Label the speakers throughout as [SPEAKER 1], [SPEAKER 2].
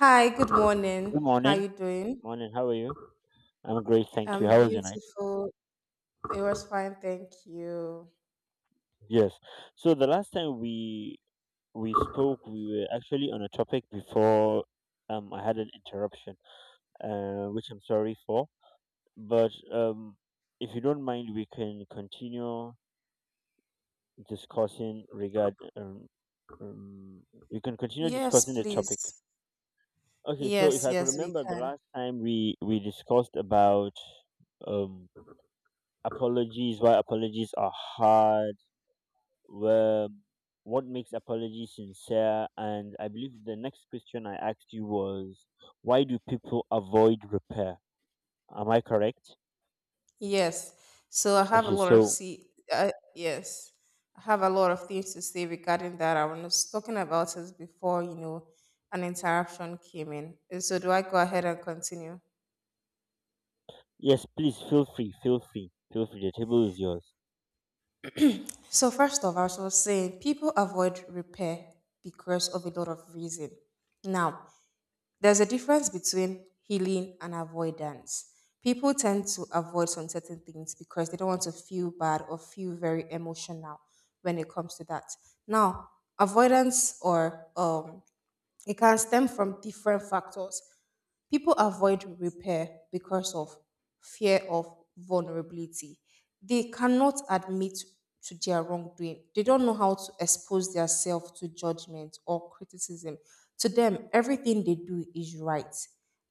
[SPEAKER 1] Hi, good morning.
[SPEAKER 2] Good
[SPEAKER 1] How
[SPEAKER 2] morning.
[SPEAKER 1] you doing?
[SPEAKER 2] Morning. How are you? I'm great, thank you.
[SPEAKER 1] I'm
[SPEAKER 2] How was your night?
[SPEAKER 1] beautiful. It was fine, thank you.
[SPEAKER 2] Yes. So the last time we spoke, we were actually on a topic before I had an interruption, which I'm sorry for. But if you don't mind, we can continue discussing regard um we can continue discussing
[SPEAKER 1] Yes,
[SPEAKER 2] the topic.
[SPEAKER 1] please.
[SPEAKER 2] Okay. So if
[SPEAKER 1] Yes,
[SPEAKER 2] I could
[SPEAKER 1] yes, we
[SPEAKER 2] remember, the
[SPEAKER 1] can.
[SPEAKER 2] last time we discussed about um apologies, why apologies are hard. Well, what makes apology sincere? And I believe the next question I asked you was, why do people avoid repair? Am I correct?
[SPEAKER 1] Yes. So I have a
[SPEAKER 2] Okay,
[SPEAKER 1] lot of
[SPEAKER 2] so
[SPEAKER 1] see. Yes, I have a lot of things to say regarding that. I was talking about it before, an interruption came in. So do I go ahead and continue?
[SPEAKER 2] yes, please feel free, feel free, feel free. The table is yours.
[SPEAKER 1] So first of all, I was saying people avoid repair because of a lot of reason. Now, there's a difference between healing and avoidance. People tend to avoid some certain things because they don't want to feel bad or feel very emotional when it comes to that. Now, avoidance or it can stem from different factors. People avoid repair because of fear of vulnerability. They cannot admit to their wrongdoing. They don't know how to expose themselves to judgment or criticism. To them, everything they do is right.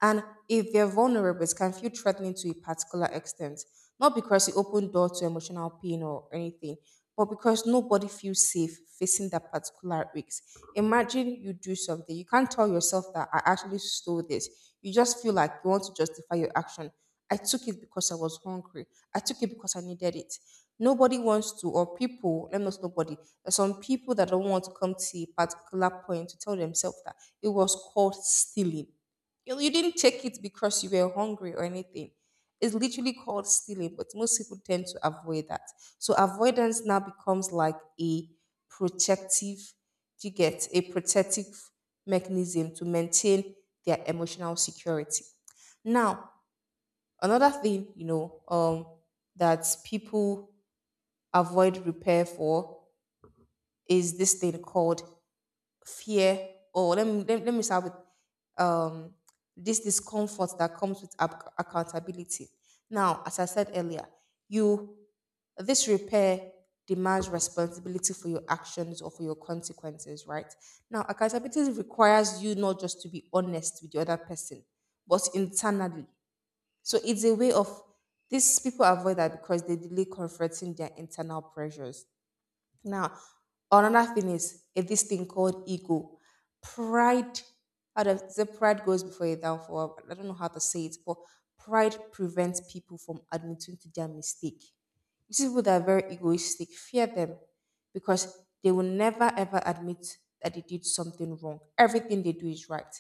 [SPEAKER 1] And if they're vulnerable, it can feel threatening to a particular extent. Not because it opened door to emotional pain or anything, but because nobody feels safe facing that particular risk. Imagine you do something, you can't tell yourself that I actually stole this. You just feel like you want to justify your action. I took it because I was hungry. I took it because I needed it. Nobody wants to, or people, let me not say nobody. There's some people that don't want to come to a particular point to tell themselves that it was called stealing, you didn't take it because you were hungry or anything. It's literally called stealing, but most people tend to avoid that. So avoidance now becomes like a protective, you get a protective mechanism to maintain their emotional security. Now, another thing, that people avoid repair for is this thing called fear. Or let me start with um, this discomfort that comes with accountability. Now, as I said earlier, you this repair demands responsibility for your actions or for your consequences, right? Now, accountability requires you not just to be honest with the other person, but internally. So it's a way of these people avoid that because they delay confronting their internal pressures. Now, another thing is a, this thing called ego. Pride, how does the pride goes before a downfall? I don't know how to say it, but pride prevents people from admitting to their mistake. You see, people that are very egoistic fear them because they will never ever admit that they did something wrong. Everything they do is right.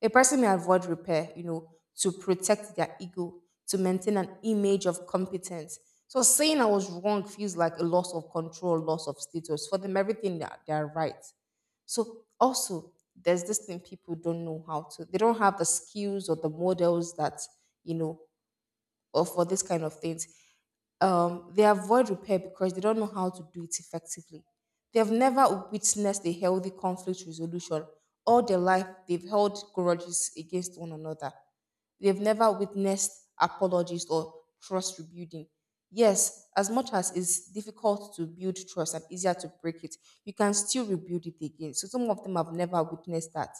[SPEAKER 1] A person may avoid repair, to protect their ego, to maintain an image of competence. So saying I was wrong feels like a loss of control, loss of status. For them, everything that they're right. So also, there's this thing people don't know how to. They don't have the skills or the models that you know, or for this kind of things they avoid repair because they don't know how to do it effectively. They have never witnessed a healthy conflict resolution. All their life, they've held grudges against one another. They've never witnessed apologies or trust rebuilding. Yes, as much as it's difficult to build trust and easier to break it, you can still rebuild it again. So some of them have never witnessed that.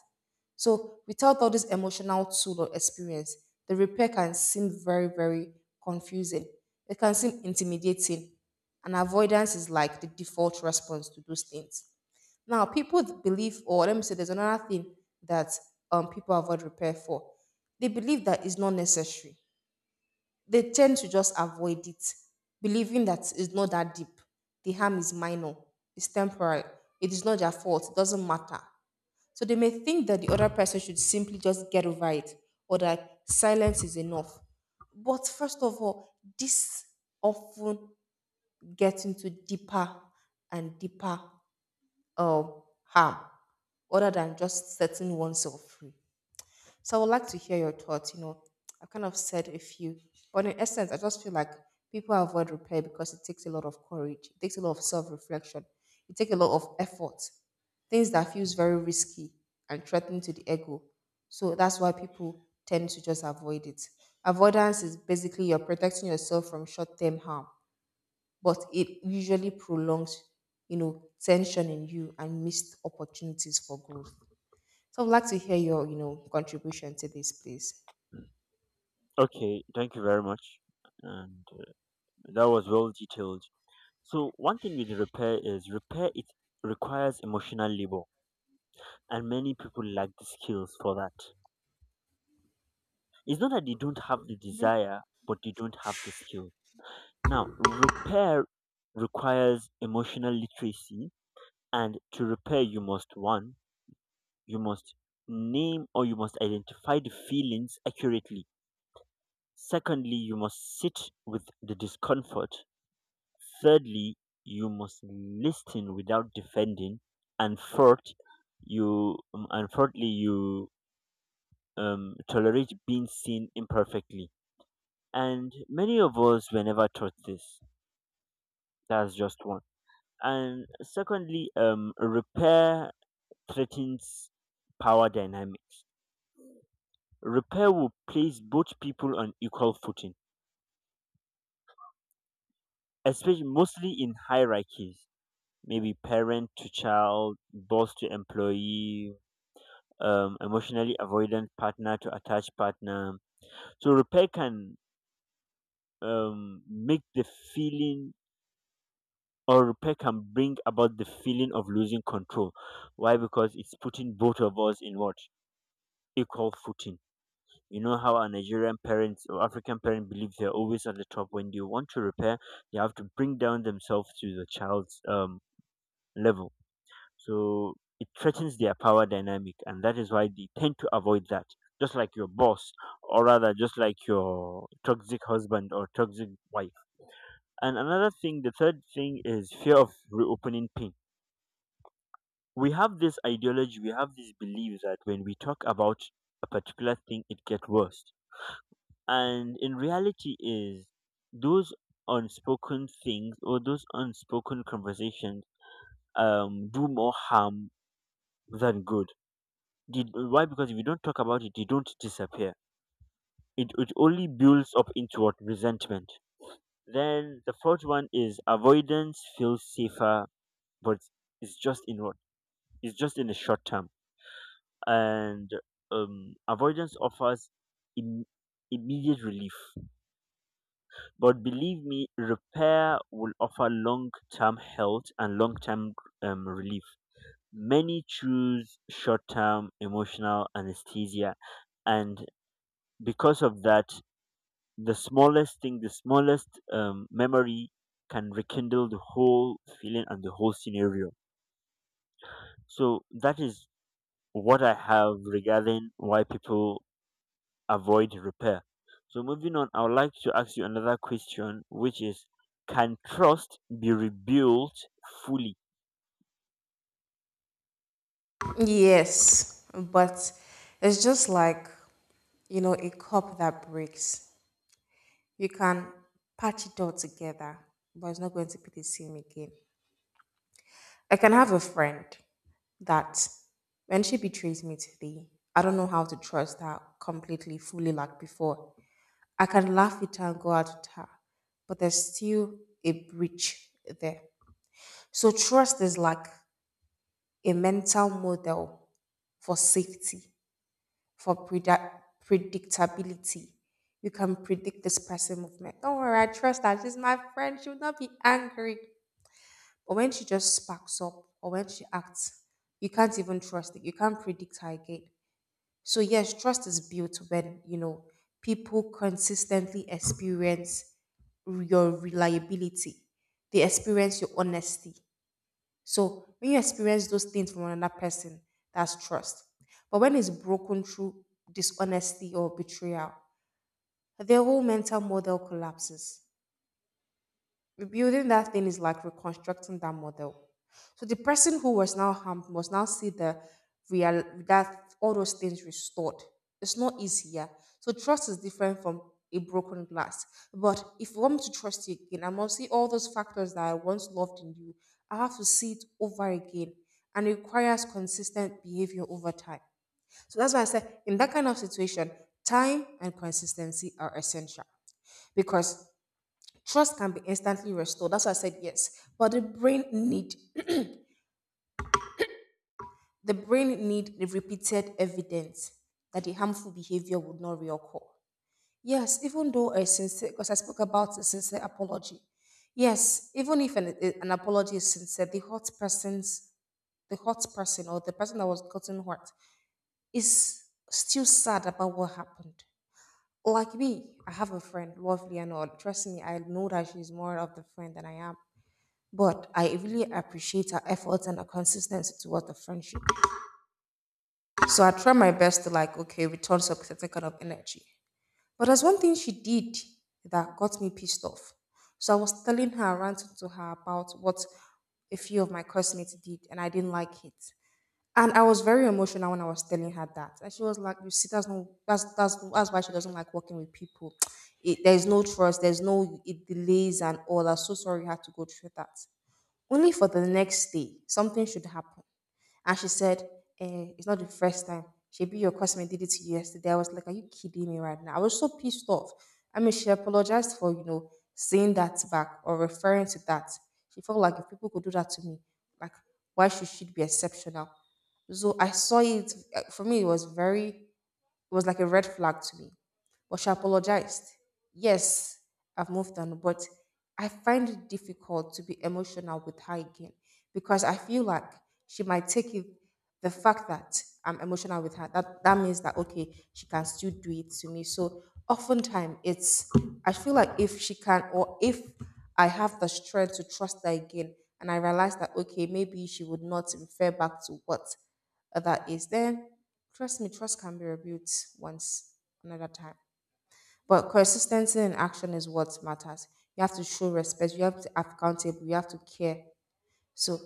[SPEAKER 1] So without all this emotional tool or experience, the repair can seem very, very confusing. It can seem intimidating. And avoidance is like the default response to those things. Now, people believe, or let me say, there's another thing that people avoid repair for. They believe that it's not necessary. They tend to just avoid it, believing that it's not that deep. The harm is minor, it's temporary, it is not their fault, it doesn't matter. So they may think that the other person should simply just get over it or that silence is enough. But first of all, this often gets into deeper and deeper harm other than just setting oneself free. So I would like to hear your thoughts. You know, I've kind of said a few, but in essence, I just feel like people avoid repair because it takes a lot of courage, it takes a lot of self-reflection, it takes a lot of effort, things that feels very risky and threatening to the ego. So that's why people tend to just avoid it. Avoidance is basically you're protecting yourself from short-term harm but it usually prolongs, tension in you and missed opportunities for growth. So I'd like to hear your, contribution to this, please.
[SPEAKER 2] Okay, thank you very much. And that was well detailed. So one thing with repair is repair it requires emotional labor, and many people lack the skills for that. It's not that they don't have the desire, but they don't have the skill. Now, repair requires emotional literacy, and to repair, you must one, you must name or you must identify the feelings accurately. Secondly, you must sit with the discomfort. Thirdly, you must listen without defending. And fourth, you tolerate being seen imperfectly. And many of us were never taught this. That's just one. And secondly, repair threatens power dynamic. Repair will place both people on equal footing, especially mostly in hierarchies, maybe parent to child, boss to employee, emotionally avoidant partner to attached partner. So repair can make the feeling or repair can bring about the feeling of losing control. Why? Because it's putting both of us in what? Equal footing. You know how our Nigerian parents or African parents believe they're always on the top. When you want to repair, you have to bring down themselves to the child's level. So it threatens their power dynamic, and that is why they tend to avoid that. Just like your boss, or rather, just like your toxic husband or toxic wife. And another thing, the third thing is fear of reopening pain. We have this ideology, we have this belief that when we talk about a particular thing, it gets worse, and in reality is those unspoken things or those unspoken conversations do more harm than good. Did, why? Because if you don't talk about it they don't disappear, it only builds up into what? Resentment. Then the fourth one is avoidance feels safer, but it's just in what? It's just in the short term. And avoidance offers Im- immediate relief. But believe me, repair will offer long term health and long term relief. Many choose short term emotional anesthesia, and because of that, the smallest thing, the smallest memory can rekindle the whole feeling and the whole scenario. So, that is what I have regarding why people avoid repair. So moving on, I would like to ask you another question, which is, can trust be rebuilt fully?
[SPEAKER 1] Yes, but it's just like, a cup that breaks. You can patch it all together, but it's not going to be the same again. I can have a friend that when she betrays me today, I don't know how to trust her completely, fully like before. I can laugh with her and go out with her, but there's still a breach there. So trust is like a mental model for safety, for predictability. You can predict this person movement. Don't worry, I trust her. She's my friend. She will not be angry. But when she just sparks up or when she acts, you can't even trust it. You can't predict her again. So yes, trust is built when you know people consistently experience your reliability. They experience your honesty. So when you experience those things from another person, that's trust. But when it's broken through dishonesty or betrayal, their whole mental model collapses. Rebuilding that thing is like reconstructing that model. So the person who was now harmed must now see the real that all those things restored. It's not easy, yeah. So trust is different from a broken glass. But if you want me to trust you again, I must see all those factors that I once loved in you. I have to see it over again. And it requires consistent behavior over time. So that's why I said in that kind of situation, time and consistency are essential because trust can be instantly restored. That's why I said yes. But the brain need the repeated evidence that the harmful behavior would not reoccur. Yes, even though a sincere, because I spoke about a sincere apology. Yes, even if an apology is sincere, the hurt person or the person that was gotten hurt is still sad about what happened. Like me, I have a friend, lovely and all. Trust me, I know that she's more of the friend than I am. But I really appreciate her efforts and her consistency towards the friendship. So I try my best to like, okay, return some certain kind of energy. But there's one thing she did that got me pissed off. So I was telling her, ranting to her about what a few of my classmates did, and I didn't like it. And I was very emotional when I was telling her that. And she was like, "You see, that's no, that's why she doesn't like working with people. It, there's no trust. There's no it delays and all. I'm so sorry you had to go through that." Only for the next day, something should happen. And she said, eh, it's not the first time. Maybe your customer did it to you yesterday. I was like, are you kidding me right now? I was so pissed off. I mean, she apologized for, saying that back or referring to that. She felt like if people could do that to me, like, why should she be exceptional? So I saw it, for me, it was very it was like a red flag to me. But she apologized. Yes, I've moved on, but I find it difficult to be emotional with her again because I feel like she might take it the fact that I'm emotional with her. That that means that okay, she can still do it to me. So oftentimes it's I feel like if she can or if I have the strength to trust her again and I realize that okay, maybe she would not refer back to what that is, then trust me, trust can be rebuilt once, another time. But consistency in action is what matters. You have to show respect, you have to be accountable, you have to care. So,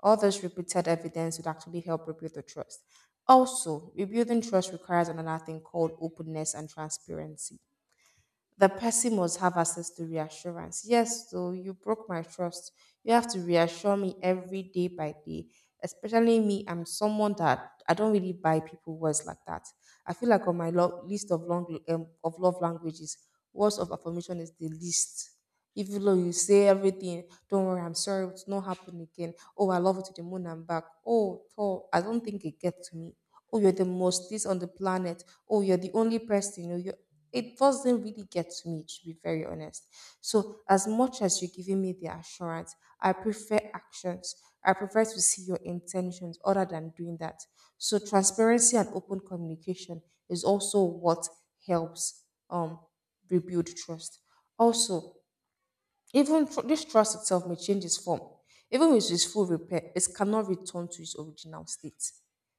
[SPEAKER 1] all this repeated evidence would actually help rebuild the trust. Also, rebuilding trust requires another thing called openness and transparency the person must have access to reassurance. Yes, so you broke my trust. You have to reassure me every day by day. Especially me, I'm someone that I don't really buy people words like that. I feel like on my list of long of love languages, words of affirmation is the least. Even though you say everything, don't worry, I'm sorry, it's not happening again. Oh, I love you to the moon and back. Oh, Thor, I don't think it gets to me. Oh, you're the most this on the planet. Oh, you're the only person. You know, it doesn't really get to me, to be very honest. So, as much as you're giving me the assurance, I prefer actions. I prefer to see your intentions other than doing that. So, transparency and open communication is also what helps um, rebuild trust. Also, this trust itself may change its form. Even with its full repair, it cannot return to its original state.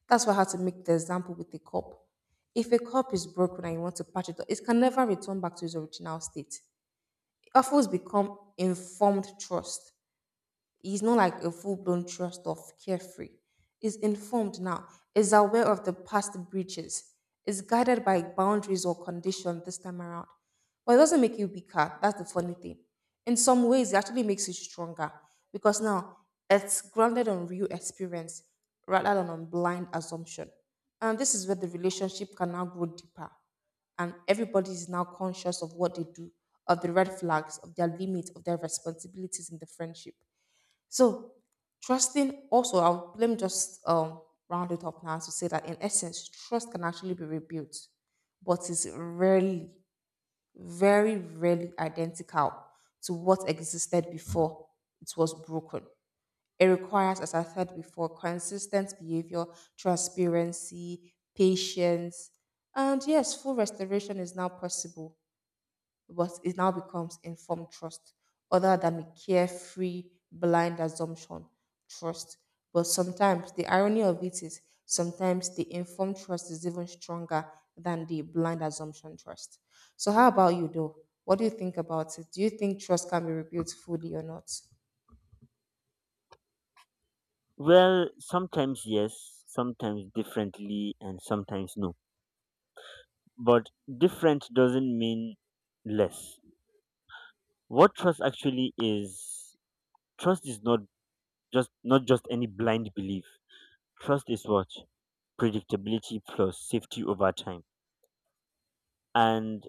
[SPEAKER 1] That's why I had to make the example with the cup. If a cup is broken and you want to patch it up, it can never return back to its original state. It offers become informed trust. He's not like a full blown trust off carefree. He's informed now, is aware of the past breaches, is guided by boundaries or condition this time around. But it doesn't make you weaker. That's the funny thing. In some ways, it actually makes you stronger because now it's grounded on real experience rather than on blind assumption. And this is where the relationship can now grow deeper and everybody is now conscious of what they do, of the red flags, of their limits, of their responsibilities in the friendship. So, trusting also, let me just round it up now to say that in essence, trust can actually be rebuilt, but is rarely, very rarely identical to what existed before it was broken. It requires, as I said before, consistent behavior, transparency, patience, and yes, full restoration is now possible but it now becomes informed trust, other than a carefree, blind assumption trust. But sometimes the irony of it is sometimes the informed trust is even stronger than the blind assumption trust. So, how about you, though? What do you think about it? Do you think trust can be rebuilt fully or not?
[SPEAKER 2] Well, sometimes yes, sometimes differently, and sometimes no. But different doesn't mean less. What trust actually is, trust is not just any blind belief. Trust is what? Predictability plus safety over time. And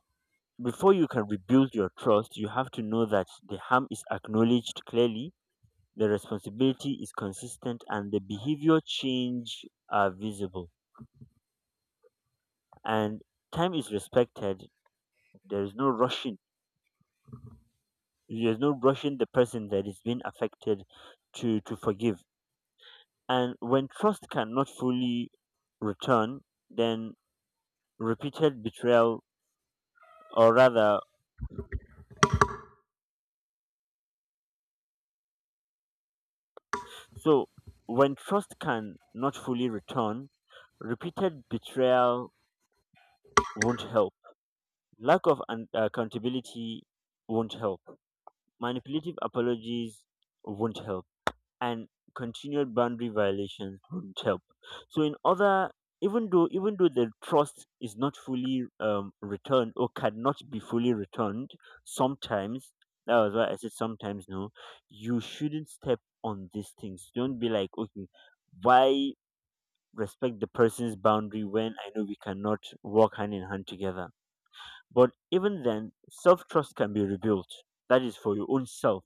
[SPEAKER 2] before you can rebuild your trust, you have to know that the harm is acknowledged clearly, the responsibility is consistent, and the behavior change are visible. And time is respected. There is no rushing. There's no rushing the person that is being affected to forgive. And when trust cannot fully return, then repeated betrayal, or rather, so when trust can not fully return, repeated betrayal won't help. Lack of accountability won't help. Manipulative apologies won't help. And continued boundary violations won't help. So, in other, even though the trust is not fully returned or cannot be fully returned, sometimes that was why I said sometimes no, you shouldn't step on these things. Don't be like okay, why respect the person's boundary when I know we cannot walk hand in hand together. But even then, self trust can be rebuilt. That is for your own self,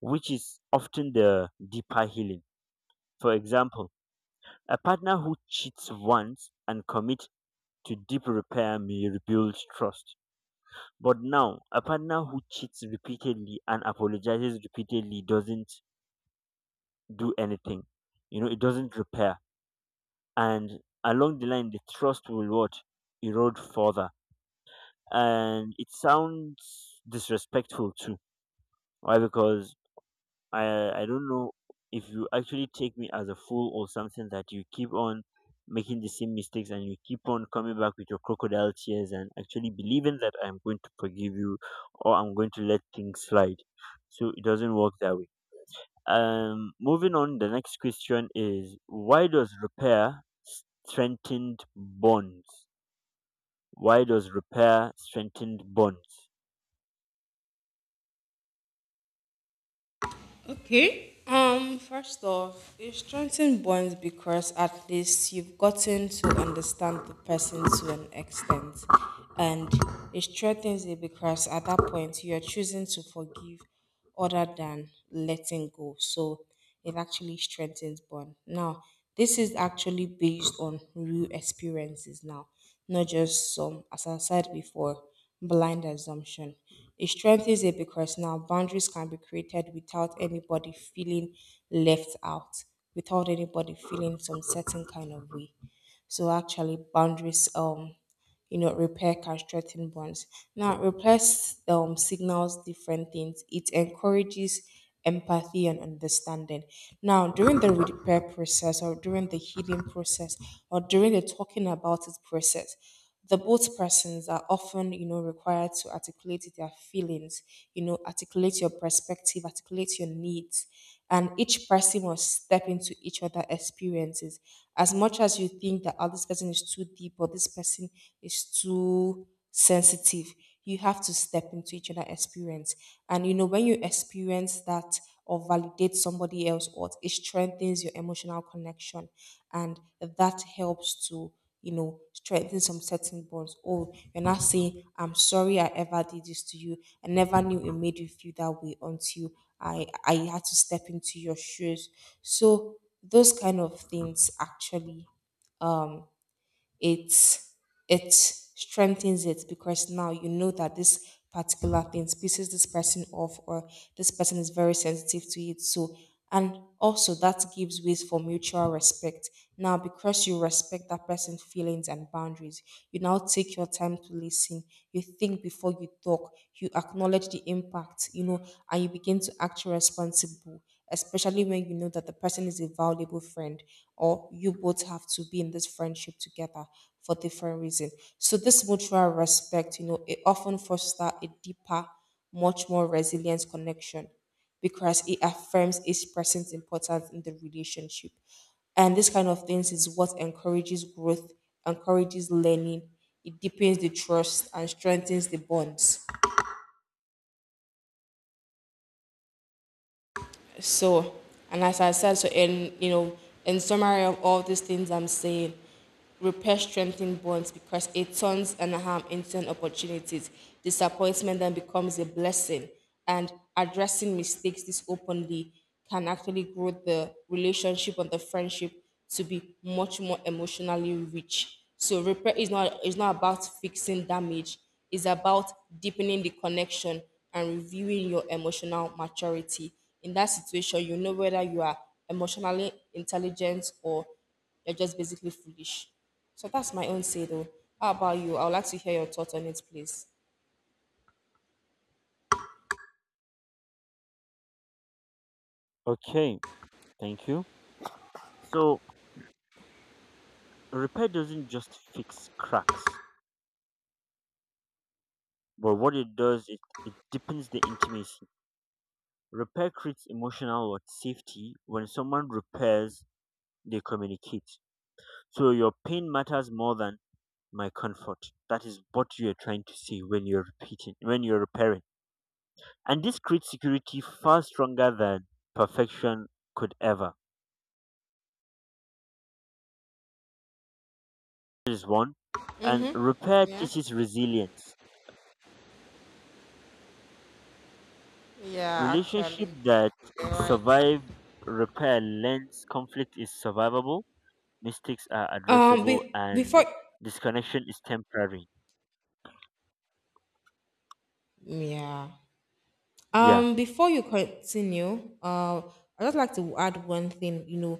[SPEAKER 2] which is often the deeper healing. For example, a partner who cheats once and commits to deep repair may rebuild trust. But now, a partner who cheats repeatedly and apologizes repeatedly doesn't do anything. You know, it doesn't repair. And along the line, the trust will what? Erode further. And it sounds disrespectful too. Why? Because I don't know if you actually take me as a fool or something that you keep on making the same mistakes and you keep on coming back with your crocodile tears and actually believing that I'm going to forgive you or I'm going to let things slide. So it doesn't work that way. Moving on, the next question is why does repair strengthen bonds? Why does repair strengthen bonds?
[SPEAKER 1] Okay. First off, it strengthens bonds because at least you've gotten to understand the person to an extent. And it strengthens it because at that point you are choosing to forgive other than letting go. So it actually strengthens bond. Now, this is actually based on real experiences now not just some, as I said before, blind assumption. It strengthens it because now boundaries can be created without anybody feeling left out, without anybody feeling some certain kind of way. So actually, boundaries you know, repair can bonds. Now, replace signals different things. It encourages empathy and understanding. Now, during the repair process or during the healing process or during the talking about it process, the both persons are often, you know, required to articulate their feelings, you know, articulate your perspective, articulate your needs and each person must step into each other experiences. As much as you think that oh, this person is too deep or this person is too sensitive, you have to step into each other experience. And you know, when you experience that or validate somebody else, or it strengthens your emotional connection, and that helps to you know, strengthen some certain bonds. Oh, you're not saying, I'm sorry I ever did this to you. I never knew it made you feel that way until I had to step into your shoes. So those kind of things actually um it's it strengthens it because now you know that this particular thing pisses this person off or this person is very sensitive to it. So and also that gives ways for mutual respect now because you respect that person's feelings and boundaries, you now take your time to listen, you think before you talk, you acknowledge the impact, you know, and you begin to act responsible, especially when you know that the person is a valuable friend or you both have to be in this friendship together for different reasons. So this mutual respect, you know, it often fosters a deeper, much more resilient connection because it affirms its presence importance in the relationship. And this kind of things is what encourages growth, encourages learning, it deepens the trust and strengthens the bonds. So, and as I said, so in you know, in summary of all these things I'm saying, repair strengthens bonds because it turns and harm into an opportunities. Disappointment then becomes a blessing, and addressing mistakes this openly can actually grow the relationship and the friendship to be much more emotionally rich. So repair is not about fixing damage. It's about deepening the connection and reviewing your emotional maturity in that situation, you know whether you are emotionally intelligent or you're just basically foolish. So that's my own say though. How about you? I would like to hear your thoughts on it, please.
[SPEAKER 2] Okay, thank you. So repair doesn't just fix cracks. But what it does, it deepens the intimacy. Repair creates emotional what? Safety. When someone repairs, they communicate. So your pain matters more than my comfort. That is what you are trying to say when you're repeating, when you're repairing. And this creates security far stronger than perfection could ever. That is one. And repair teaches resilience.
[SPEAKER 1] Yeah,
[SPEAKER 2] Relationship
[SPEAKER 1] actually,
[SPEAKER 2] that
[SPEAKER 1] you're right.
[SPEAKER 2] survive repair learns conflict is survivable, mistakes are addressable, and
[SPEAKER 1] Before
[SPEAKER 2] disconnection is temporary.
[SPEAKER 1] yeah.
[SPEAKER 2] Yeah.
[SPEAKER 1] Before you continue, I'd just like to add one thing. You know,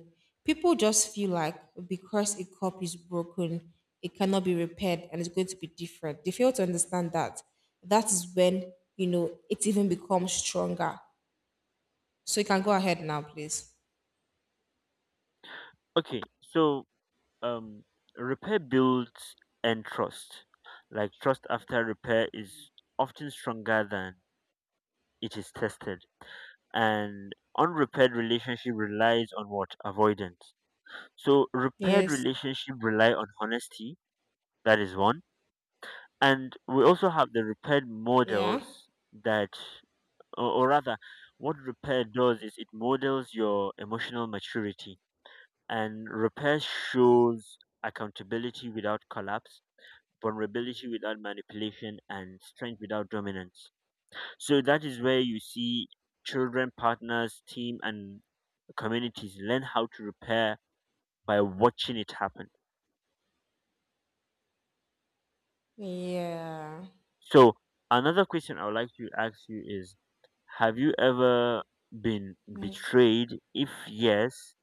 [SPEAKER 1] people just feel like because a cup is broken, it cannot be repaired and it's going to be different. They fail to understand that. That is when, you know, it even becomes stronger. So you can go ahead now, please.
[SPEAKER 2] Okay. So um repair builds and trust. Like trust after repair is often stronger than it is tested. And unrepaired relationship relies on what? Avoidance. So repaired
[SPEAKER 1] Yes.
[SPEAKER 2] relationship rely on honesty, that is one. And we also have the repaired
[SPEAKER 1] Yeah.
[SPEAKER 2] models that, or rather what repair does is it models your emotional maturity, and repair shows accountability without collapse, vulnerability without manipulation, and strength without dominance. So that is where you see children, partners, team, and communities learn how to repair by watching it happen.
[SPEAKER 1] Yeah.
[SPEAKER 2] So another question I would like to ask you is, have you ever been
[SPEAKER 1] Right.
[SPEAKER 2] betrayed? If yes